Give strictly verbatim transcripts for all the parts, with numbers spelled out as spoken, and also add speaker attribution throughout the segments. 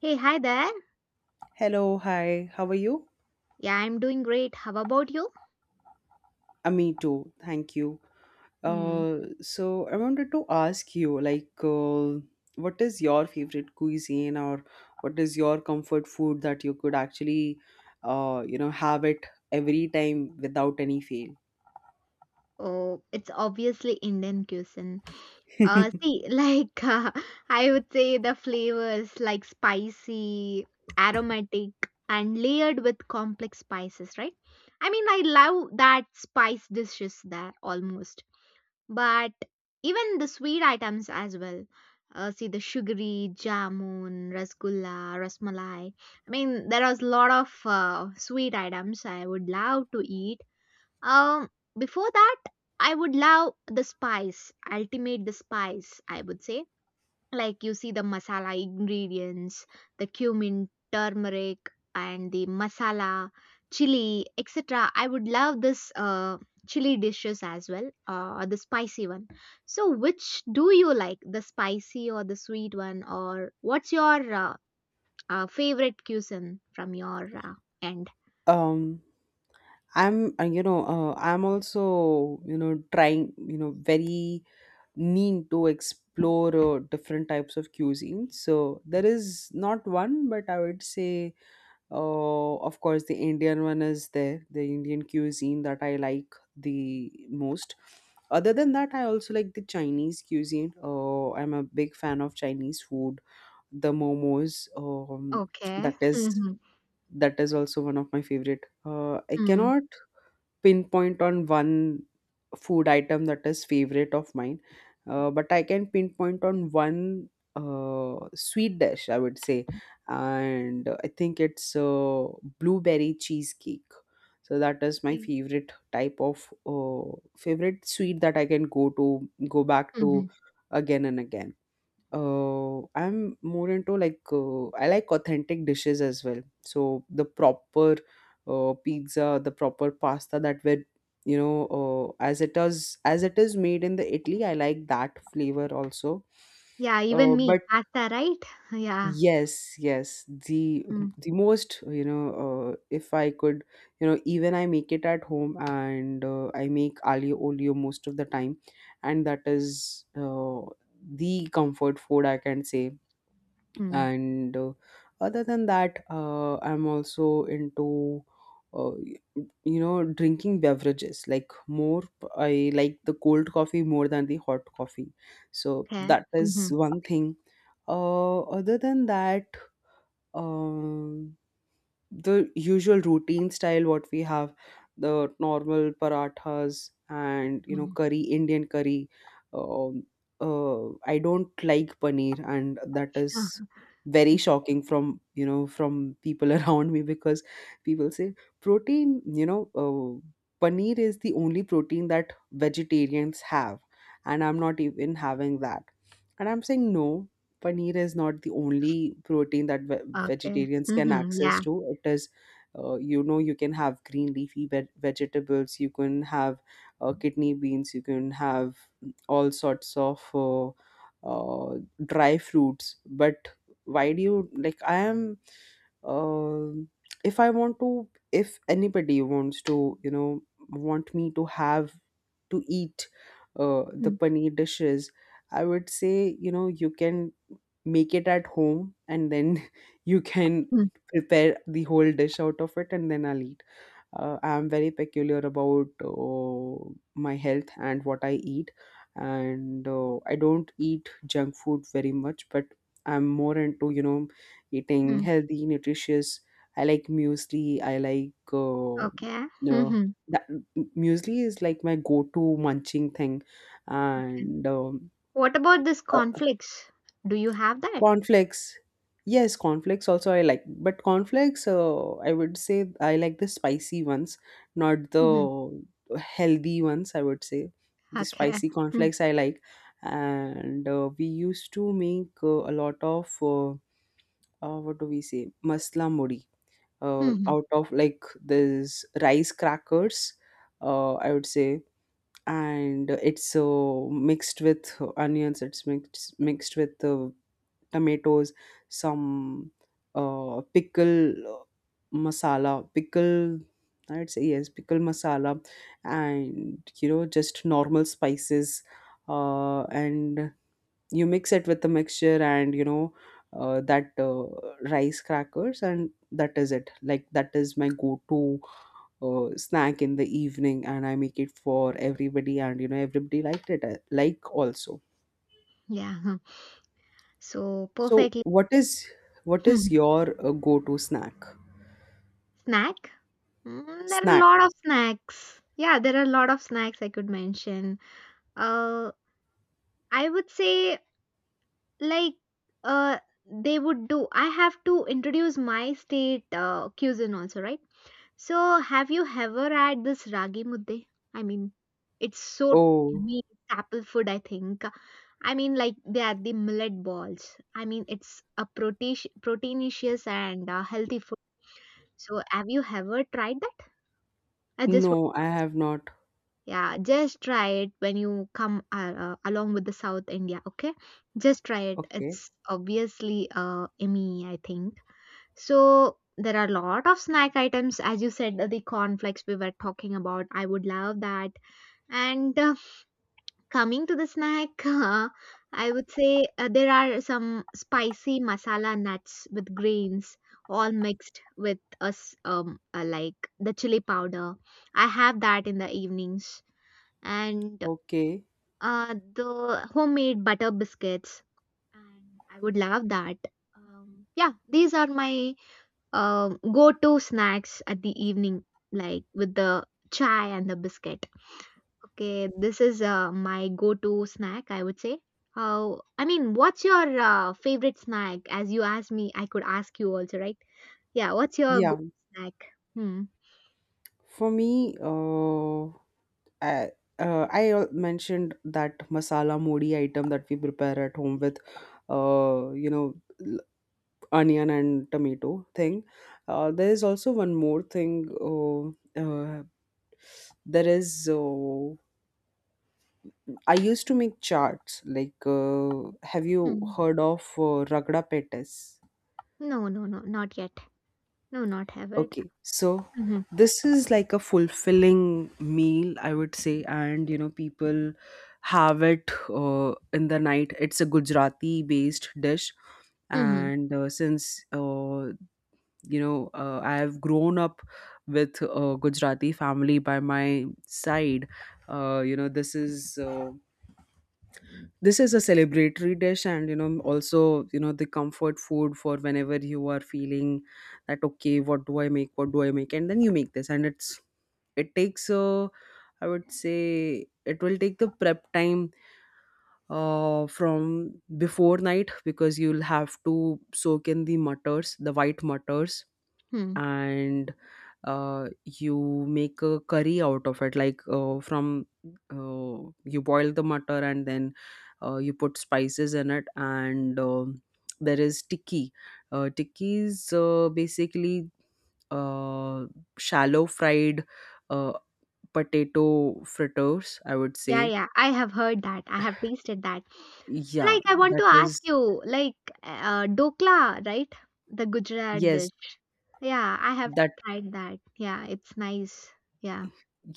Speaker 1: Hey, hi there.
Speaker 2: Hello, hi, how are you?
Speaker 1: Yeah, I'm doing great. How about you?
Speaker 2: Uh, me too, thank you.
Speaker 1: Hmm.
Speaker 2: Uh, so I wanted to ask you, like, uh, what is your favorite cuisine, or what is your comfort food that you could actually, uh, you know, have it every time without any fail?
Speaker 1: Oh, it's obviously Indian cuisine. Uh, see, like uh, I would say the flavors like spicy, aromatic, and layered with complex spices, right? I mean, I love that spice dishes there almost. But even the sweet items as well. Uh, see the sugary jamun, rasgulla, rasmalai. I mean, there was a lot of uh, sweet items I would love to eat. Um, Before that, I would love the spice, ultimate the spice, I would say, like you see the masala ingredients, the cumin, turmeric, and the masala, chili, etc. I would love this uh, chili dishes as well, uh, or the spicy one. So which do you like, the spicy or the sweet one? Or what's your uh, uh, favorite cuisine from your uh, end?
Speaker 2: Um, I'm, uh, you know, uh, I'm also, you know, trying, you know, very need to explore uh, different types of cuisine. So there is not one, but I would say. Uh, of course, the Indian one is there, the Indian cuisine that I like the most. Other than that, I also like the Chinese cuisine. Uh, I'm a big fan of Chinese food. The momos, um,
Speaker 1: Okay.
Speaker 2: that is
Speaker 1: Mm-hmm.
Speaker 2: that is also one of my favorite. Uh, I
Speaker 1: Mm.
Speaker 2: cannot pinpoint on one food item that is favorite of mine, uh, but I can pinpoint on one uh, sweet dish, I would say, and I think it's uh, blueberry cheesecake. So that is my favorite type of uh, favorite sweet that I can go to go back
Speaker 1: Mm-hmm.
Speaker 2: to again and again. uh, I'm more into like uh, I like authentic dishes as well. So the proper uh, pizza, the proper pasta that were, you know uh, as it is, as it is made in the Italy. I like that flavor also.
Speaker 1: Yeah, even
Speaker 2: Uh,
Speaker 1: me,
Speaker 2: but
Speaker 1: pasta, right? Yeah.
Speaker 2: yes, yes, the the most, you know uh, if I could, you know, even I make it at home, and uh, I make aglio olio most of the time, and that is, uh, the comfort food, I can say.
Speaker 1: Mm-hmm.
Speaker 2: And uh, other than that, uh, I'm also into uh, y- you know, drinking beverages like. More, I like the cold coffee more than the hot coffee, so
Speaker 1: Okay.
Speaker 2: that
Speaker 1: Mm-hmm.
Speaker 2: is one thing. uh, other than that, um the usual routine style what we have, the normal parathas and, you know, curry, Indian curry. um, uh, I don't like paneer, and that is very shocking from, you know, from people around me, because people say protein, you know uh, paneer is the only protein that vegetarians have, and I'm not even having that. And I'm saying no, paneer is not the only protein that ve-
Speaker 1: Okay.
Speaker 2: vegetarians can
Speaker 1: Mhm.
Speaker 2: access
Speaker 1: Yeah.
Speaker 2: to. It is, uh, you know, you can have green leafy veg- vegetables, you can have uh, kidney beans, you can have all sorts of uh, uh, dry fruits. But why do you like I am um if I want to, if anybody wants to, you know, want me to have, to eat uh, the
Speaker 1: Mm,
Speaker 2: paneer dishes, I would say, you know, you can make it at home, and then you can
Speaker 1: mm,
Speaker 2: prepare the whole dish out of it, and then I'll eat. Uh, I'm very peculiar about uh, my health and what I eat, and uh, I don't eat junk food very much, but I'm more into, you know, eating
Speaker 1: mm.
Speaker 2: healthy, nutritious. I like muesli. I like uh,
Speaker 1: Okay.
Speaker 2: no
Speaker 1: Mhm.
Speaker 2: that Muesli is like my go-to munching thing,
Speaker 1: Okay.
Speaker 2: and um,
Speaker 1: What about this conflicts? Do you have that?
Speaker 2: cornflakes. Yes, cornflakes also I like, but cornflakes, uh, I would say I like the spicy ones, not
Speaker 1: Mhm.
Speaker 2: the healthy ones, I would say. The
Speaker 1: Okay.
Speaker 2: spicy
Speaker 1: Mm,
Speaker 2: cornflakes I like. And uh, we used to make uh, a lot of, uh, uh, what do we say, masla muri, uh,
Speaker 1: mhm.
Speaker 2: out of like this rice crackers, uh, I would say. And it's, uh, mixed with uh, onions, it's mixed, mixed with uh, tomatoes, some uh, pickle uh, masala, pickle, I'd say yes, pickle masala, and, you know, just normal spices. Uh, and you mix it with the mixture, and, you know, uh, that uh, rice crackers, and that is it. Like, that is my go to uh, snack in the evening, and I make it for everybody, and, you know, everybody liked it, uh, like, also.
Speaker 1: Yeah, huh. So
Speaker 2: So
Speaker 1: perfectly
Speaker 2: what is what is your uh, go-to snack?
Speaker 1: snack. Mm, there are a
Speaker 2: Snack.
Speaker 1: lot of snacks. Yeah, there are a lot of snacks I could mention. Uh, I would say, like uh they would do. I have to introduce my state uh, cuisine also, right? So, have you ever had this ragi mudde? I mean, it's so
Speaker 2: Oh,
Speaker 1: yummy apple food, I think. I mean, like they are the millet balls. I mean, it's a protein, proteinaceous and uh, healthy food. So, have you ever tried that? I just, want-
Speaker 2: no, I have not.
Speaker 1: yeah, just try it when you come uh, uh, along with the South India. Okay, just try it.
Speaker 2: Okay.
Speaker 1: It's obviously uh, yummy, I think. So there are a lot of snack items, as you said, the cornflakes we were talking about. I would love that. And uh, coming to the snack, I would say uh, there are some spicy masala nuts with grains, all mixed with us um, uh, like the chili powder. I have that in the evenings, and
Speaker 2: Okay.
Speaker 1: uh, the homemade butter biscuits. And I would love that. Um, yeah, these are my um, go to snacks at the evening, like with the chai and the biscuit. Okay, this is uh, my go to snack, I would say. How, I mean, what's your uh, favorite snack? As you asked me, I could ask you also, right? Yeah, what's your go
Speaker 2: Yeah.
Speaker 1: snack? Hmm.
Speaker 2: For me, uh, I uh, I al- mentioned that masala modi item that we prepare at home with, uh, you know, l- onion and tomato thing. Uh, there is also one more thing. Uh, uh, there is uh, I used to make charts. Like, uh, have you
Speaker 1: Hmm.
Speaker 2: heard of uh, ragda pettes?
Speaker 1: No, no, no, not yet. No, not have it.
Speaker 2: Okay, so
Speaker 1: Mm-hmm.
Speaker 2: this is like a fulfilling meal, I would say, and, you know, people have it uh, in the night. It's a Gujarati-based dish,
Speaker 1: Mm-hmm.
Speaker 2: and uh, since uh, you know, uh, I have grown up with a Gujarati family by my side. Uh, you know, this is uh, this is a celebratory dish, and, you know, also, you know, the comfort food for whenever you are feeling that, okay, what do i make what do I make? And then you make this, and it's it takes uh, I would say it will take the prep time uh, from before night, because you'll have to soak in the mutters, the white mutters,
Speaker 1: Hmm.
Speaker 2: and uh, you make a curry out of it, like, uh, from uh, you boil the mutter, and then uh, you put spices in it, and um there is tikki. Uh, tikki is, uh, basically, uh, shallow fried, uh, potato fritters, I would
Speaker 1: Yeah,
Speaker 2: say.
Speaker 1: yeah, I have heard that. I have tasted that.
Speaker 2: Yeah,
Speaker 1: Like, I want to
Speaker 2: that
Speaker 1: ask
Speaker 2: is
Speaker 1: you, like, uh, dokla, right? The Gujarat dish.
Speaker 2: yes
Speaker 1: Yeah, I have
Speaker 2: that.
Speaker 1: tried that. Yeah, it's nice. Yeah.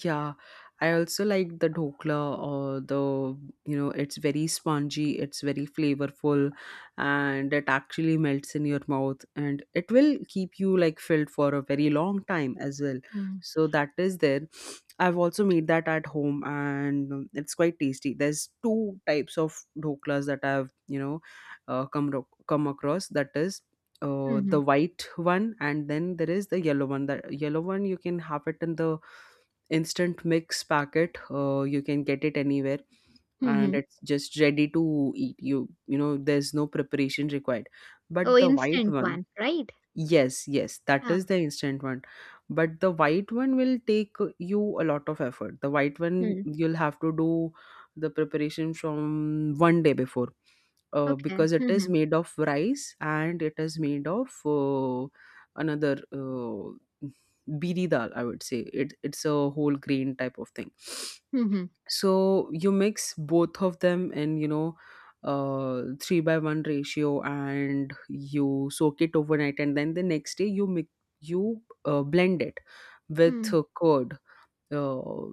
Speaker 2: Yeah, I also like the dhokla, or, the, you know, it's very spongy, it's very flavorful, and it actually melts in your mouth, and it will keep you like filled for a very long time as well.
Speaker 1: Mm.
Speaker 2: So that is there. I've also made that at home, and um, it's quite tasty. There's two types of dhoklas that I've, you know, uh, come ro- come across. That is, uh,
Speaker 1: Mm-hmm.
Speaker 2: the white one, and then there is the yellow one. The yellow one you can have it in the instant mix packet. Uh, you can get it anywhere, and
Speaker 1: Mm-hmm.
Speaker 2: it's just ready to eat. You you know there's no preparation required,
Speaker 1: Oh,
Speaker 2: but the white
Speaker 1: instant
Speaker 2: one.
Speaker 1: one, right?
Speaker 2: Yes, yes, that
Speaker 1: Ah,
Speaker 2: is the instant one. But the white one will take you a lot of effort. The white one,
Speaker 1: hmm.
Speaker 2: you'll have to do the preparation from one day before, uh,
Speaker 1: Okay.
Speaker 2: because it is
Speaker 1: Mm-hmm.
Speaker 2: made of rice, and it is made of uh, another uh, biri dal, I would say. It, it's a whole grain type of thing.
Speaker 1: Mm-hmm.
Speaker 2: So you mix both of them in, you know, uh three by one ratio, and you soak it overnight, and then the next day you mix you uh, blend it with
Speaker 1: Mm,
Speaker 2: uh, curd, uh,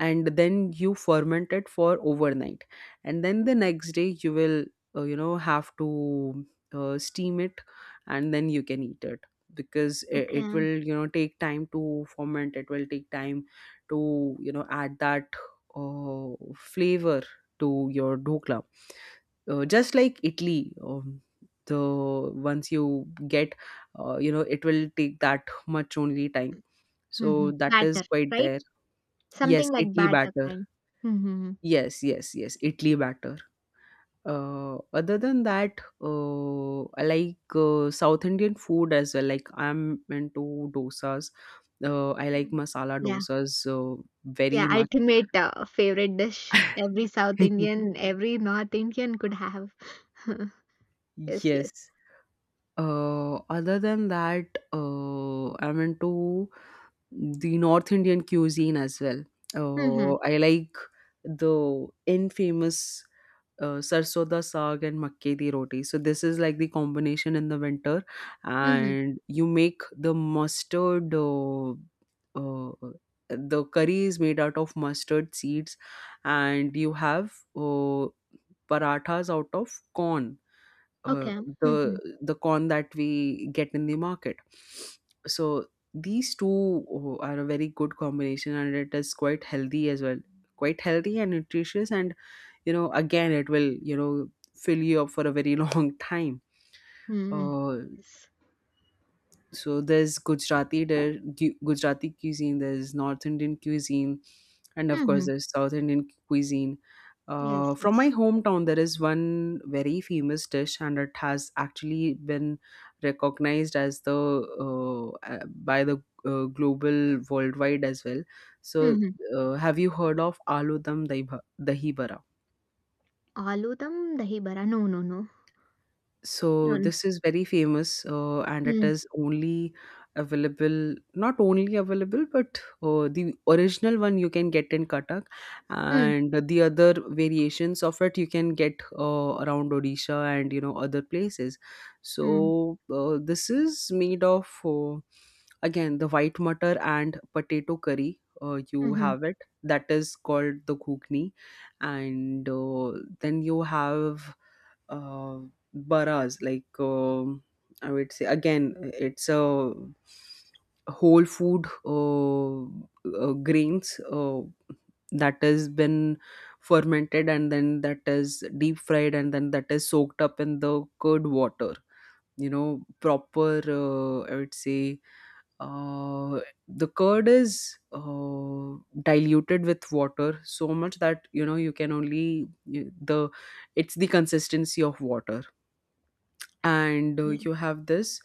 Speaker 2: and then you ferment it for overnight, and then the next day you will, uh, you know, have to, uh, steam it, and then you can eat it, because it, it
Speaker 1: okay.
Speaker 2: will, you know, take time to ferment, it will take time to, you know, add that uh, flavor to your dhokla. Uh, just like Italy, um, the once you get, uh, you know, it will take that much only time.
Speaker 1: Mm-hmm.
Speaker 2: So that is
Speaker 1: Batter,
Speaker 2: quite
Speaker 1: right?
Speaker 2: there. Yes,
Speaker 1: Something like
Speaker 2: idli
Speaker 1: batter
Speaker 2: batter.
Speaker 1: kind. Mm-hmm.
Speaker 2: Yes, yes, yes, idli batter. Uh, other than that, uh, I like uh, South Indian food as well. Like, I'm into dosas. Uh, I like
Speaker 1: Mm-hmm.
Speaker 2: masala
Speaker 1: Yeah.
Speaker 2: dosas uh, very
Speaker 1: Yeah,
Speaker 2: much.
Speaker 1: ultimate uh, favorite dish. Every South Indian, every North Indian could have. Yes, yes.
Speaker 2: Yes. Uh, other than that, uh, I'm into the North Indian cuisine as well.
Speaker 1: Mm-hmm.
Speaker 2: Uh, I like the infamous uh, sarso da saag and makke di roti. So this is like the combination in the winter,
Speaker 1: Mm-hmm.
Speaker 2: and you make the mustard. Uh, uh, the curry is made out of mustard seeds, and you have uh, parathas out of corn. Uh,
Speaker 1: Okay. Mm-hmm.
Speaker 2: the the corn that we get in the market. So these two uh, are a very good combination, and it is quite healthy as well. Quite healthy and nutritious, and, you know, again, it will, you know, fill you up for a very long time.
Speaker 1: Mm-hmm.
Speaker 2: uh,
Speaker 1: Yes.
Speaker 2: so there's Gujarati there, Gu- gujarati cuisine, there's North Indian cuisine, and of course
Speaker 1: Mm-hmm.
Speaker 2: there's South Indian cuisine.
Speaker 1: Yes,
Speaker 2: Uh, from
Speaker 1: yes.
Speaker 2: my hometown, there is one very famous dish, and it has actually been recognized as the, uh, uh, by the, uh, global, worldwide as well. So
Speaker 1: Mm-hmm.
Speaker 2: uh, have you heard of aloo dum dahi bha- dahi.
Speaker 1: Aloo dum dahi bara. No, no, no.
Speaker 2: So
Speaker 1: No, no.
Speaker 2: this is very famous, uh, and it
Speaker 1: Mm-hmm.
Speaker 2: is only available, not only available, but uh, the original one you can get in Cuttack, and the other variations of it you can get uh, around Odisha and, you know, other places.
Speaker 1: Mm-hmm.
Speaker 2: So uh, this is made of, uh, again, the white mutter and potato curry. Uh, you
Speaker 1: Mm-hmm.
Speaker 2: have it that is called the ghugni, and uh, then you have uh, baras, like um I would say again it's a whole food uh, uh, grains uh, that has been fermented, and then that is deep fried, and then that is soaked up in the curd water. You know, proper, uh, I would say, uh, the curd is uh, diluted with water so much that, you know, you can only you, the it's the consistency of water. And uh,
Speaker 1: Yeah.
Speaker 2: you have this,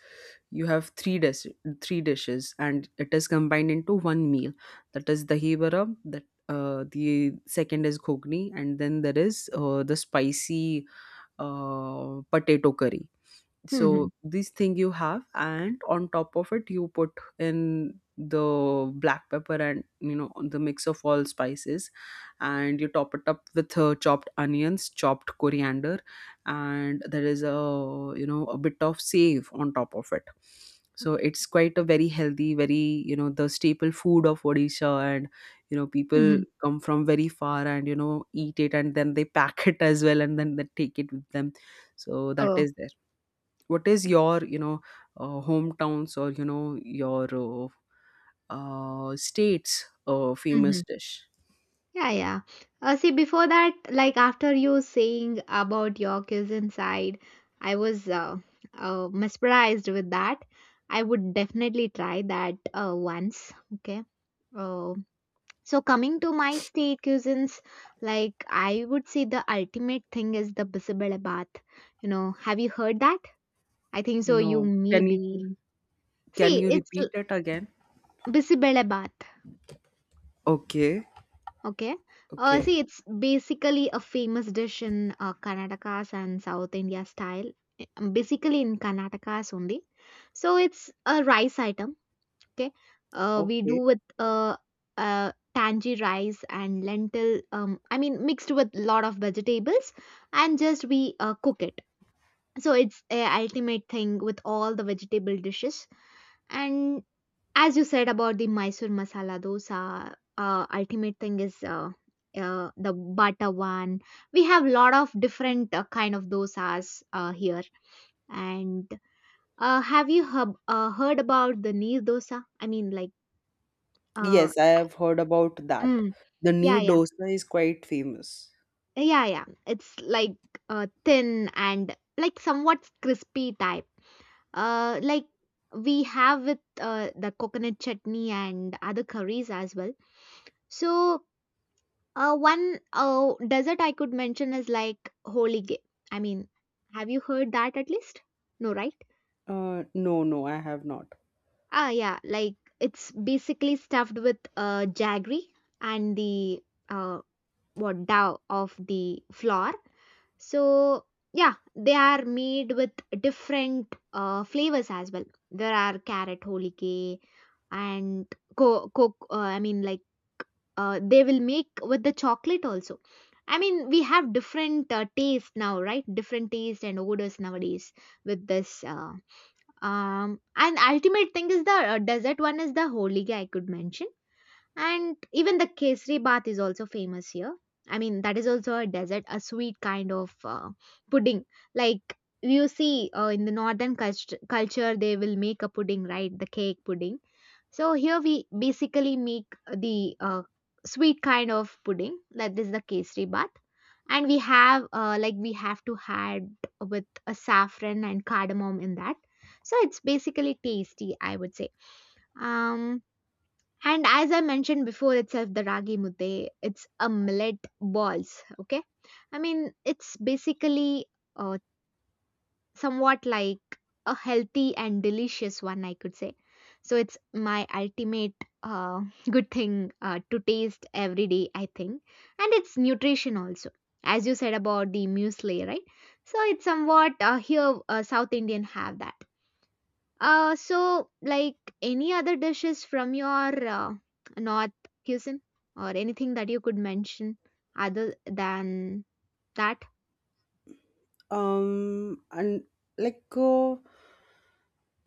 Speaker 2: you have three dis- three dishes, and it is combined into one meal. That is dahi vada, that uh, the second is ghogni, and then there is uh, the spicy uh, potato curry.
Speaker 1: Mm-hmm.
Speaker 2: So this thing you have, and on top of it you put in the black pepper, and you know, the mix of all spices, and you top it up with uh, chopped onions, chopped coriander, and there is a, you know, a bit of save on top of it. So
Speaker 1: Okay.
Speaker 2: it's quite a very healthy, very, you know, the staple food of Odisha, and you know, people
Speaker 1: Mm-hmm.
Speaker 2: come from very far and you know, eat it, and then they pack it as well, and then they take it with them. So that
Speaker 1: Oh.
Speaker 2: is, what is your, you know, uh, hometowns, or you know, your uh, uh, state's uh,
Speaker 1: Mm-hmm.
Speaker 2: famous dish?
Speaker 1: Yeah, yeah. Uh, see, before that, like after you saying about your cousin side, I was uh, uh, mesmerized with that. I would definitely try that uh, once. Okay. Uh, so coming to my state cousins, like I would say the ultimate thing is the Bisabela bath. You know, have you heard that? I think so.
Speaker 2: No,
Speaker 1: You
Speaker 2: can you,
Speaker 1: maybe
Speaker 2: can
Speaker 1: See,
Speaker 2: you
Speaker 1: it's
Speaker 2: repeat it again?
Speaker 1: Bisabela bath.
Speaker 2: Okay,
Speaker 1: Okay. Uh,
Speaker 2: okay,
Speaker 1: see, it's basically a famous dish in uh, Karnataka's and South India style, eh, um, basically in Karnataka's only. So it's a rice item. Okay. Uh, we do
Speaker 2: okay.
Speaker 1: with uh, uh, tangy rice and lentil, um, I mean, mixed with lot of vegetables, and just we uh, cook it. So it's a ultimate thing with all the vegetable dishes. And as you said about the Mysore masala dosa, uh, ultimate thing is uh, uh, the butter one. We have lot of different uh, kind of dosas uh, here. And uh, have you hub uh, heard about the Neer dosa? I mean, like, uh,
Speaker 2: Yes, I have heard about that.
Speaker 1: mm,
Speaker 2: The
Speaker 1: yeah,
Speaker 2: knee
Speaker 1: yeah,
Speaker 2: dosa is quite famous.
Speaker 1: yeah, yeah. It's like uh, thin and like somewhat crispy type. Uh, like we have with uh, the coconut chutney and other curries as well. So Uh, one uh, desert I could mention is like Holige. I mean, have you heard that at least? No, right?
Speaker 2: Uh, no, no, I have not.
Speaker 1: Ah, yeah, like it's basically stuffed with uh, jaggery and the uh, what dough of the flour. So, yeah, they are made with different uh, flavors as well. There are carrot holige and co- co- uh, I mean, like uh, they will make with the chocolate also. I mean we have different uh, taste now, right? Different taste and odors nowadays with this uh, um and ultimate thing is the uh, dessert one is the holiga, I could mention. And even the kesari bath is also famous here. I mean that is also a dessert, a sweet kind of uh, pudding, like you see uh, in the northern cult- culture they will make a pudding, right? The cake pudding. So here we basically make the uh, sweet kind of pudding, like this is the kesari bath, and we have uh, like we have to add with a saffron and cardamom in that. So it's basically tasty, I would say. Um, and as I mentioned before itself, the ragi mute, it's a millet balls. Okay, I mean it's basically uh, somewhat like a healthy and delicious one, I could say. So it's my ultimate uh, good thing uh, to taste every day, I think. And it's nutrition also, as you said about the muesli, right? So it's somewhat uh, here uh, South Indian have that. Uh, so like any other dishes from your uh, North cuisine, or anything that you could mention other than that?
Speaker 2: Um and like, uh,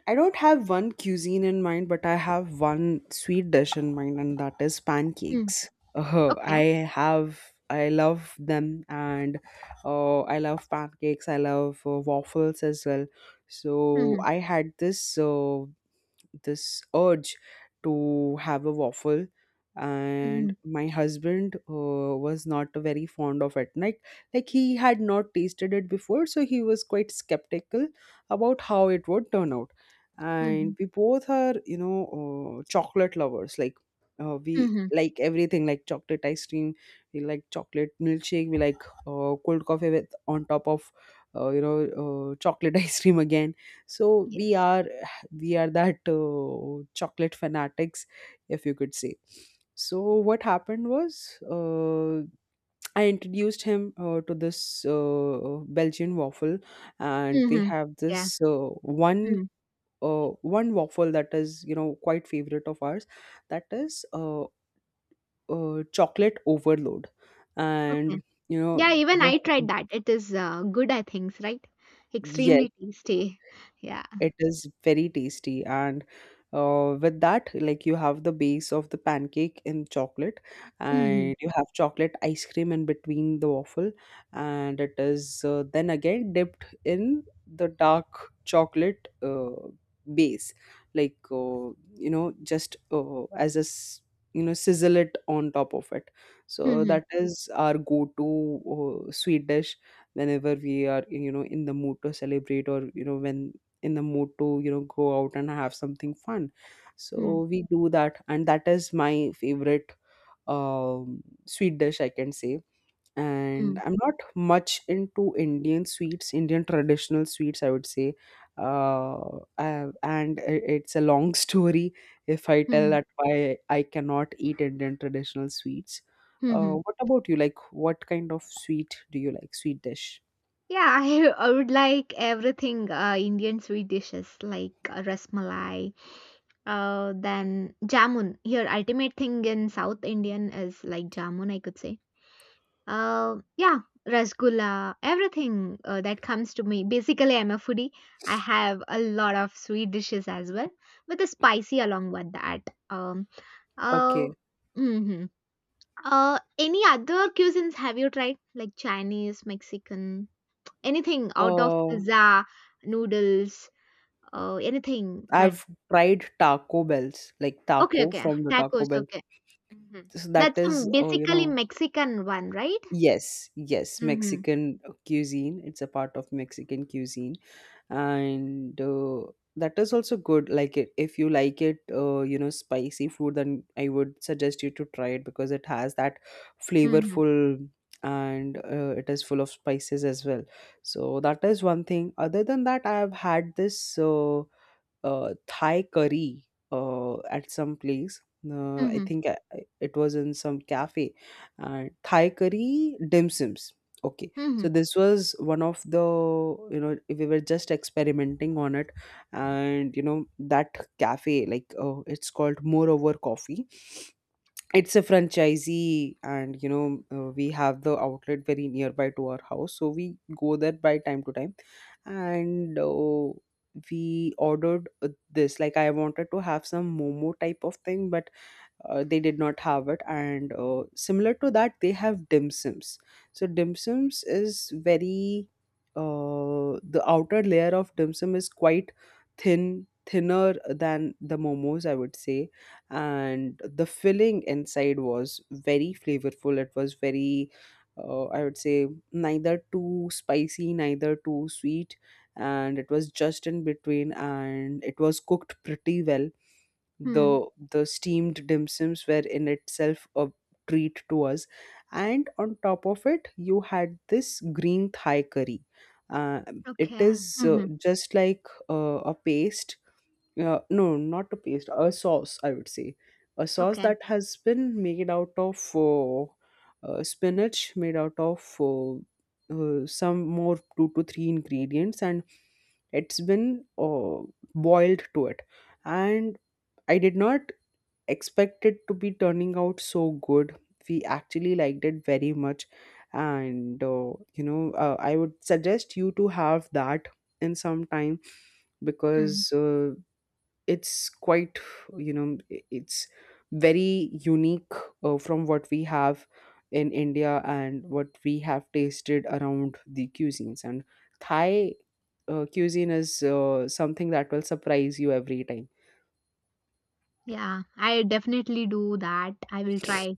Speaker 2: I don't have one cuisine in mind, but I have one sweet dish in mind, and that is
Speaker 1: Hmm.
Speaker 2: pancakes. Uh,
Speaker 1: Okay.
Speaker 2: I have, I love them, and uh, I love pancakes. I love uh, waffles as well. So
Speaker 1: Hmm.
Speaker 2: I had this uh, this urge to have a waffle,
Speaker 1: Hmm.
Speaker 2: and my husband uh, was not very fond of it, like like he had not tasted it before, so he was quite skeptical about how it would turn out.
Speaker 1: Hmm.
Speaker 2: And we both are, you know, uh, chocolate lovers. Like uh, we
Speaker 1: Hmm.
Speaker 2: like everything, like chocolate ice cream, we like chocolate milkshake, we like uh, cold coffee with on top of uh, you know, uh, chocolate ice cream again. so we
Speaker 1: Yes.
Speaker 2: are we are that uh, chocolate fanatics, if you could say. So what happened was, uh, I introduced him uh, to this uh, Belgian waffle, and they
Speaker 1: Mhm.
Speaker 2: have this
Speaker 1: Yeah.
Speaker 2: uh, one
Speaker 1: Mm.
Speaker 2: uh, one waffle that is, you know, quite favorite of ours. That is uh, uh, chocolate overload.
Speaker 1: Okay.
Speaker 2: And you know,
Speaker 1: Yeah, even
Speaker 2: the
Speaker 1: I
Speaker 2: wh-
Speaker 1: tried that. It is uh, good, I think, right?
Speaker 2: yes,
Speaker 1: Extremely tasty. Yeah.
Speaker 2: it is very tasty. And uh, with that, like, you have the base of the pancake in chocolate,
Speaker 1: Mm-hmm.
Speaker 2: and you have chocolate ice cream in between the waffle, and it is uh, then again dipped in the dark chocolate uh, base, like uh, you know, just uh, as a s- you know, sizzle it on top of it. So
Speaker 1: Mm-hmm.
Speaker 2: that is our go-to uh, sweet dish whenever we are, you know, in the mood to celebrate, or you know, when in the mood to, you know, go out and have something fun.
Speaker 1: Mm-hmm.
Speaker 2: So we do that, and that is my favorite um, sweet dish, I can say. And I'm not much into Indian sweets, Indian traditional sweets, I would say. uh, I- and i- it's a long story if I tell
Speaker 1: Mm-hmm.
Speaker 2: that why I cannot eat Indian traditional sweets. uh,
Speaker 1: Mm-hmm.
Speaker 2: what about you, like, what kind of sweet do you like, sweet dish?
Speaker 1: Yeah, I, I would like everything uh, Indian sweet dishes like uh, rasmalai, uh, then jamun. Here, ultimate thing in South Indian is like jamun, I could say. Uh, yeah, rasgulla, everything uh, that comes to me. Basically, I'm a foodie. I have a lot of sweet dishes as well, with a spicy along with that. Um, uh,
Speaker 2: Okay.
Speaker 1: hmm. Uh, any other cuisines have you tried? Like Chinese, Mexican, anything out of
Speaker 2: Uh,
Speaker 1: pizza, noodles, uh, anything that.
Speaker 2: I've tried Taco Bells, like
Speaker 1: Okay,
Speaker 2: taco
Speaker 1: okay,
Speaker 2: from the Taco
Speaker 1: tacos.
Speaker 2: Bell.
Speaker 1: Okay, hmm,
Speaker 2: So that
Speaker 1: that's a
Speaker 2: is, oh, you
Speaker 1: basically
Speaker 2: know,
Speaker 1: Mexican one, right?
Speaker 2: yes, yes,
Speaker 1: Mm-hmm.
Speaker 2: Mexican cuisine. It's a part of Mexican cuisine, and uh, that is also good. Like it, if you like it, uh, you know, spicy food, then I would suggest you to try it, because it has that
Speaker 1: Mm-hmm.
Speaker 2: flavorful, and uh, it is full of spices as well. So that is one thing. Other than that, I have had this. Uh, uh, Thai curry uh, at some place. Uh, I
Speaker 1: Mm-hmm.
Speaker 2: think I, I- it was in some cafe. And Thai curry dim sims. Okay,
Speaker 1: Mm-hmm.
Speaker 2: so this was one of the, you know, we were just experimenting on it. And you know, that cafe, like, uh, it's called Moreover Coffee. It's a franchisee, and you know, uh, we have the outlet very nearby to our house, so we go there by time to time. And uh, we ordered uh, this, like I wanted to have some momo type of thing, but uh, they did not have it, and uh, similar to that they have dim sims. So dim sims is very, uh, the outer layer of dim sum is quite thin thinner than the momos, I would say. And the filling inside was very flavorful. It was very, uh, I would say, neither too spicy, neither too sweet, and it was just in between, and it was cooked pretty well.
Speaker 1: Hmm.
Speaker 2: The the steamed dim sums were in itself a treat to us. And on top of it you had this green Thai curry. uh, it
Speaker 1: Okay.
Speaker 2: is uh,
Speaker 1: Mm-hmm.
Speaker 2: just like uh, a paste, uh, no, not a paste, a sauce, I would say. A sauce
Speaker 1: Okay.
Speaker 2: that has been made out of uh, uh, spinach, made out of uh, uh, some more two to three ingredients, and it's been uh, boiled to it. And I did not expect it to be turning out so good. We actually liked it very much. And uh, you know, uh, I would suggest you to have that in some time,
Speaker 1: Mm.
Speaker 2: because uh, it's quite, you know, i- it's very unique uh, from what we have in India and what we have tasted around the cuisines. And Thai uh, cuisine is uh, something that will surprise you every time.
Speaker 1: Yeah, I definitely do that. I will try.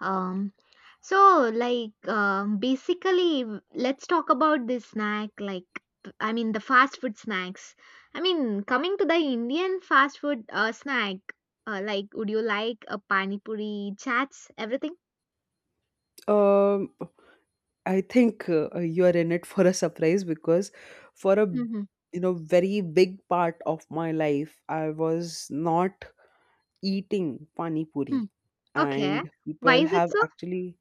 Speaker 1: Um, so like um, basically w- let's talk about this snack like p- I mean the fast food snacks. I mean coming to the Indian fast food uh, snack, uh, like would you like a pani puri, chats, everything?
Speaker 2: Um, I think uh, you are in it for a surprise, because for a,
Speaker 1: Mm-hmm.
Speaker 2: you know, very big part of my life I was not eating pani
Speaker 1: Hmm.
Speaker 2: puri.
Speaker 1: Okay.
Speaker 2: And
Speaker 1: Why
Speaker 2: people
Speaker 1: is it
Speaker 2: have
Speaker 1: so?
Speaker 2: actually,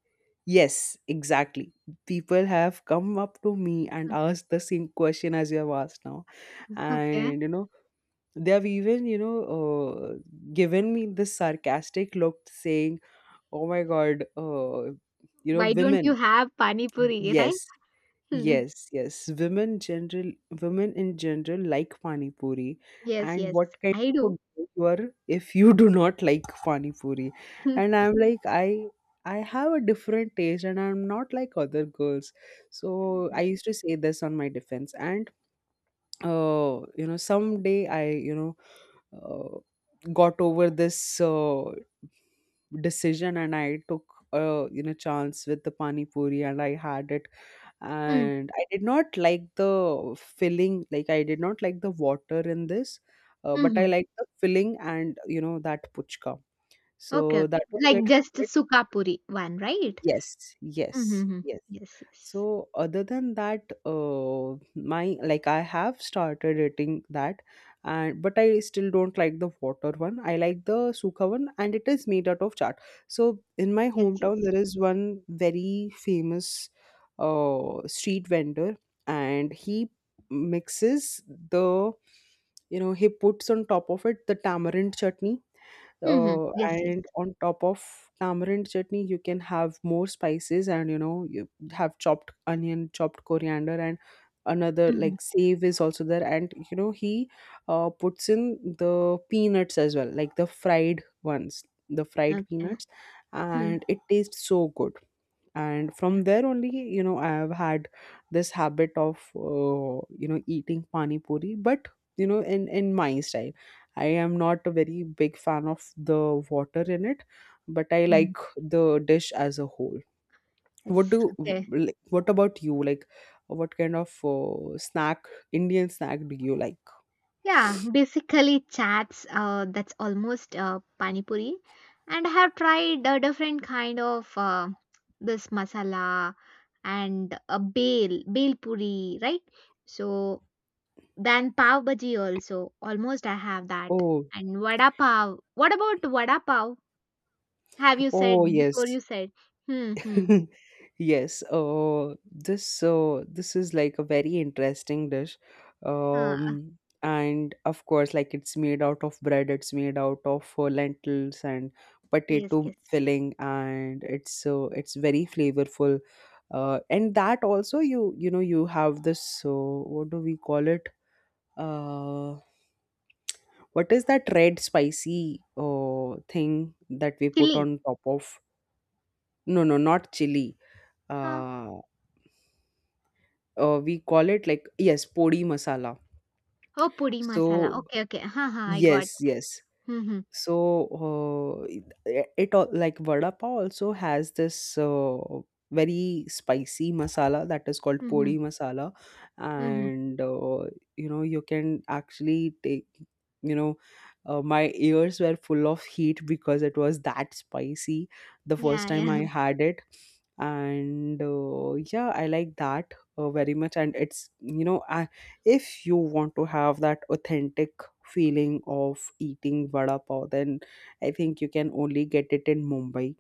Speaker 2: yes exactly, people have come up to me and
Speaker 1: Hmm.
Speaker 2: asked the same question as you have asked now.
Speaker 1: Okay.
Speaker 2: And you know, they have even, you know, uh, given me this sarcastic look, saying, oh my god, uh, you know,
Speaker 1: Why don't you
Speaker 2: women.
Speaker 1: have pani puri, right?
Speaker 2: Yes.
Speaker 1: Hmm.
Speaker 2: Yes, yes. Women general, women in general like pani puri.
Speaker 1: Yes,
Speaker 2: And
Speaker 1: yes.
Speaker 2: what kind
Speaker 1: I
Speaker 2: of
Speaker 1: do.
Speaker 2: a girl you are if you do not like pani puri? And I'm like, I I have a different taste, and I'm not like other girls. So I used to say this on my defense. And uh, you know, someday I, you know, uh, got over this uh, decision, and I took uh, you know, chance with the pani puri, and I had it.
Speaker 1: Mm,
Speaker 2: And I did not like the filling, like I did not like the water in this, uh, but I
Speaker 1: mhm.
Speaker 2: like the filling, and you know, that puchka.
Speaker 1: Okay,
Speaker 2: So
Speaker 1: okay.
Speaker 2: that was
Speaker 1: Like
Speaker 2: it.
Speaker 1: just Sukha Puri one, right?
Speaker 2: Yes, yes,
Speaker 1: Mm-hmm.
Speaker 2: yes.
Speaker 1: Yes, yes.
Speaker 2: So other than that, uh, my, like I have started eating that, and but I still don't like the water one. I like the sukha one, and it is made out of chaat. So in my
Speaker 1: Yes,
Speaker 2: hometown,
Speaker 1: yes.
Speaker 2: there is one very famous uh, street vendor, and he mixes the, you know, he puts on top of it the tamarind chutney,
Speaker 1: Mm-hmm.
Speaker 2: uh,
Speaker 1: Yes, yes.
Speaker 2: and on top of tamarind chutney you can have more spices. And you know, you have chopped onion, chopped coriander, and another,
Speaker 1: Mm-hmm.
Speaker 2: like save is also there. And you know, he uh, puts in the peanuts as well, like the fried ones, the fried
Speaker 1: Okay.
Speaker 2: peanuts.
Speaker 1: Hmm,
Speaker 2: And it tastes so good. And
Speaker 1: yeah.
Speaker 2: from there only, you know, I have had this habit of, uh, you know, eating pani puri. But you know, in in my style, I am not a very big fan of the water in it, but I
Speaker 1: Mm-hmm.
Speaker 2: like the dish as a whole. What
Speaker 1: Yes.
Speaker 2: do
Speaker 1: Okay.
Speaker 2: w- like, what about you, like what kind of uh, snack, Indian snack, do you like?
Speaker 1: Yeah, basically chats uh, that's almost uh, pani puri. And I have tried a different kind of uh, this masala and a bale, bale puri, right? So then pav bhaji also. Almost I have that.
Speaker 2: Oh.
Speaker 1: And vada pav. What about vada pav? Have you
Speaker 2: Oh
Speaker 1: said before you
Speaker 2: yes.
Speaker 1: said? Hmm, hmm.
Speaker 2: Yes, uh, this uh, this is like a very interesting dish.
Speaker 1: Huh.
Speaker 2: Um, and of course, like it's made out of bread, it's made out of uh, lentils and
Speaker 1: Yes,
Speaker 2: potato
Speaker 1: yes.
Speaker 2: filling, and it's uh, it's very flavorful. Uh, and that also, you you know, you have this, uh, what do we call it? Uh, what is that red spicy uh, thing that we put
Speaker 1: Chili.
Speaker 2: on top of? No, no, not chili.
Speaker 1: Huh.
Speaker 2: Uh. Uh, we call it, like, yes, podi masala.
Speaker 1: Oh, pudi masala.
Speaker 2: So
Speaker 1: Okay, okay. Huh, huh. I got.
Speaker 2: yes, yes.
Speaker 1: Hmm, hmm,
Speaker 2: So, uh, it, it all, like vada pav, also has this uh, very spicy masala that is called
Speaker 1: hmm, hmm.
Speaker 2: podi masala.
Speaker 1: Hmm, hmm.
Speaker 2: And uh, you know, you can actually take. You know, uh, my ears were full of heat, because it was that spicy the first
Speaker 1: Yeah,
Speaker 2: time
Speaker 1: yeah.
Speaker 2: I had it. And uh, yeah, I like that uh, very much. And it's, you know, I, if you want to have that authentic feeling of eating vada pav, then I think you can only get it in Mumbai.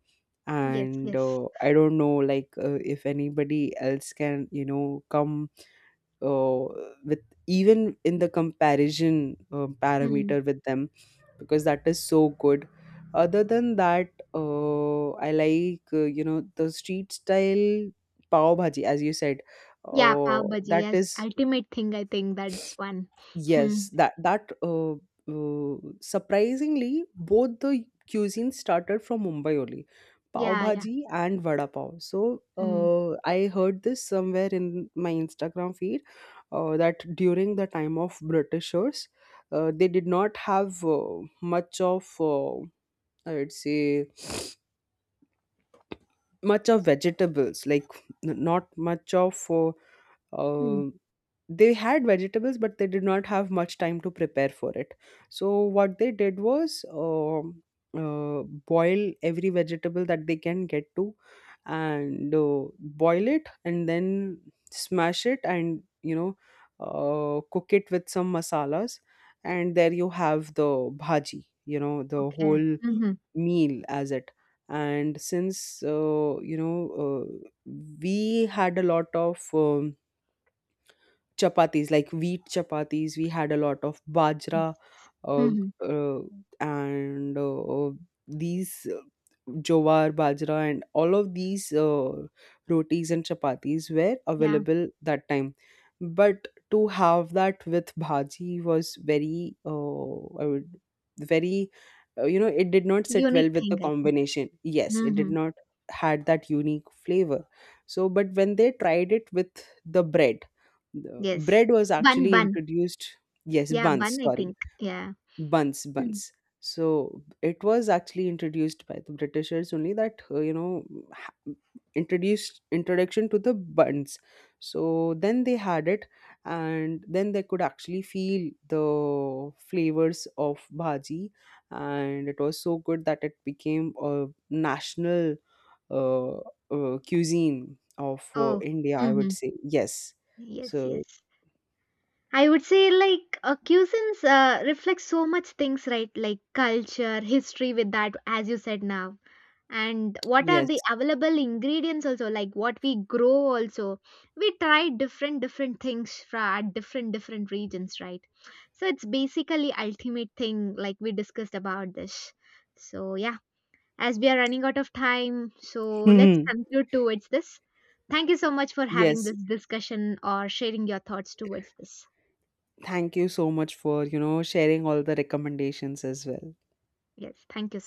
Speaker 1: Yes,
Speaker 2: And
Speaker 1: yes.
Speaker 2: uh, I don't know, like uh, if anybody else can, you know, come uh, with, even in the comparison uh,
Speaker 1: Hmm.
Speaker 2: parameter with them, because that is so good. Other than that, uh, I like, uh, you know, the street style pav bhaji, as you said.
Speaker 1: Yeah,
Speaker 2: Uh,
Speaker 1: pav bhaji.
Speaker 2: that
Speaker 1: Yes,
Speaker 2: is,
Speaker 1: ultimate thing. I think that's one. Hmm.
Speaker 2: yes, that that uh, uh, surprisingly, both the cuisines started from Mumbai only, pav
Speaker 1: Yeah, yeah.
Speaker 2: bhaji and vada pav. So
Speaker 1: Hmm.
Speaker 2: uh, I heard this somewhere in my Instagram feed, uh, that during the time of Britishers, uh, they did not have uh, much of, uh, I'd say, much of vegetables, like n- not much of uh,
Speaker 1: Hmm.
Speaker 2: um, they had vegetables, but they did not have much time to prepare for it. So what they did was, um uh, boil every vegetable that they can get to, and uh, boil it, and then smash it, and you know, uh, cook it with some masalas, and there you have the bhaji, you know, the
Speaker 1: Okay.
Speaker 2: whole
Speaker 1: Hmm. Hmm.
Speaker 2: meal as it. And since, uh, you know, uh, we had a lot of um, chapatis, like wheat chapatis, we had a lot of
Speaker 1: Yes.
Speaker 2: bajra,
Speaker 1: Hmm.
Speaker 2: uh,
Speaker 1: Hmm.
Speaker 2: uh, and uh, these uh, jowar, bajra, and all of these uh, rotis and chapatis were
Speaker 1: Yeah.
Speaker 2: available that time. But to have that with bhaji was very, uh, I would, very, uh, you know, it did not sit
Speaker 1: Unique
Speaker 2: well with
Speaker 1: thing,
Speaker 2: the
Speaker 1: I think.
Speaker 2: combination. Yes,
Speaker 1: Hmm.
Speaker 2: it
Speaker 1: Hmm.
Speaker 2: did not had that unique flavor. So but when they tried it with the bread, the
Speaker 1: Yes.
Speaker 2: bread was
Speaker 1: Bun,
Speaker 2: actually
Speaker 1: bun.
Speaker 2: introduced, yes,
Speaker 1: Yeah,
Speaker 2: buns,
Speaker 1: bun, I
Speaker 2: sorry,
Speaker 1: think. Yeah.
Speaker 2: buns,
Speaker 1: Mm.
Speaker 2: buns. So it was actually introduced by the Britishers only, that uh, you know, ha- introduced, introduction to the buns. So then they had it, and then they could actually feel the flavors of bhaji, and it was so good that it became a national uh, uh, cuisine of uh,
Speaker 1: Oh.
Speaker 2: India, I would
Speaker 1: Mm-hmm.
Speaker 2: say, yes.
Speaker 1: Yes,
Speaker 2: So
Speaker 1: yes. I would say like uh, cuisines uh, reflects so much things, right? Like culture, history with that, as you said now. And what are
Speaker 2: yes.
Speaker 1: the available ingredients also, like what we grow also. We try different, different things from at different, different regions, right? So it's basically ultimate thing like we discussed about this. So yeah, as we are running out of time, so let's
Speaker 2: Hmm.
Speaker 1: conclude towards this. Thank you so much for having
Speaker 2: Yes.
Speaker 1: this discussion or sharing your thoughts towards this.
Speaker 2: Thank you so much for, you know, sharing all the recommendations as well.
Speaker 1: Yes, thank you. So.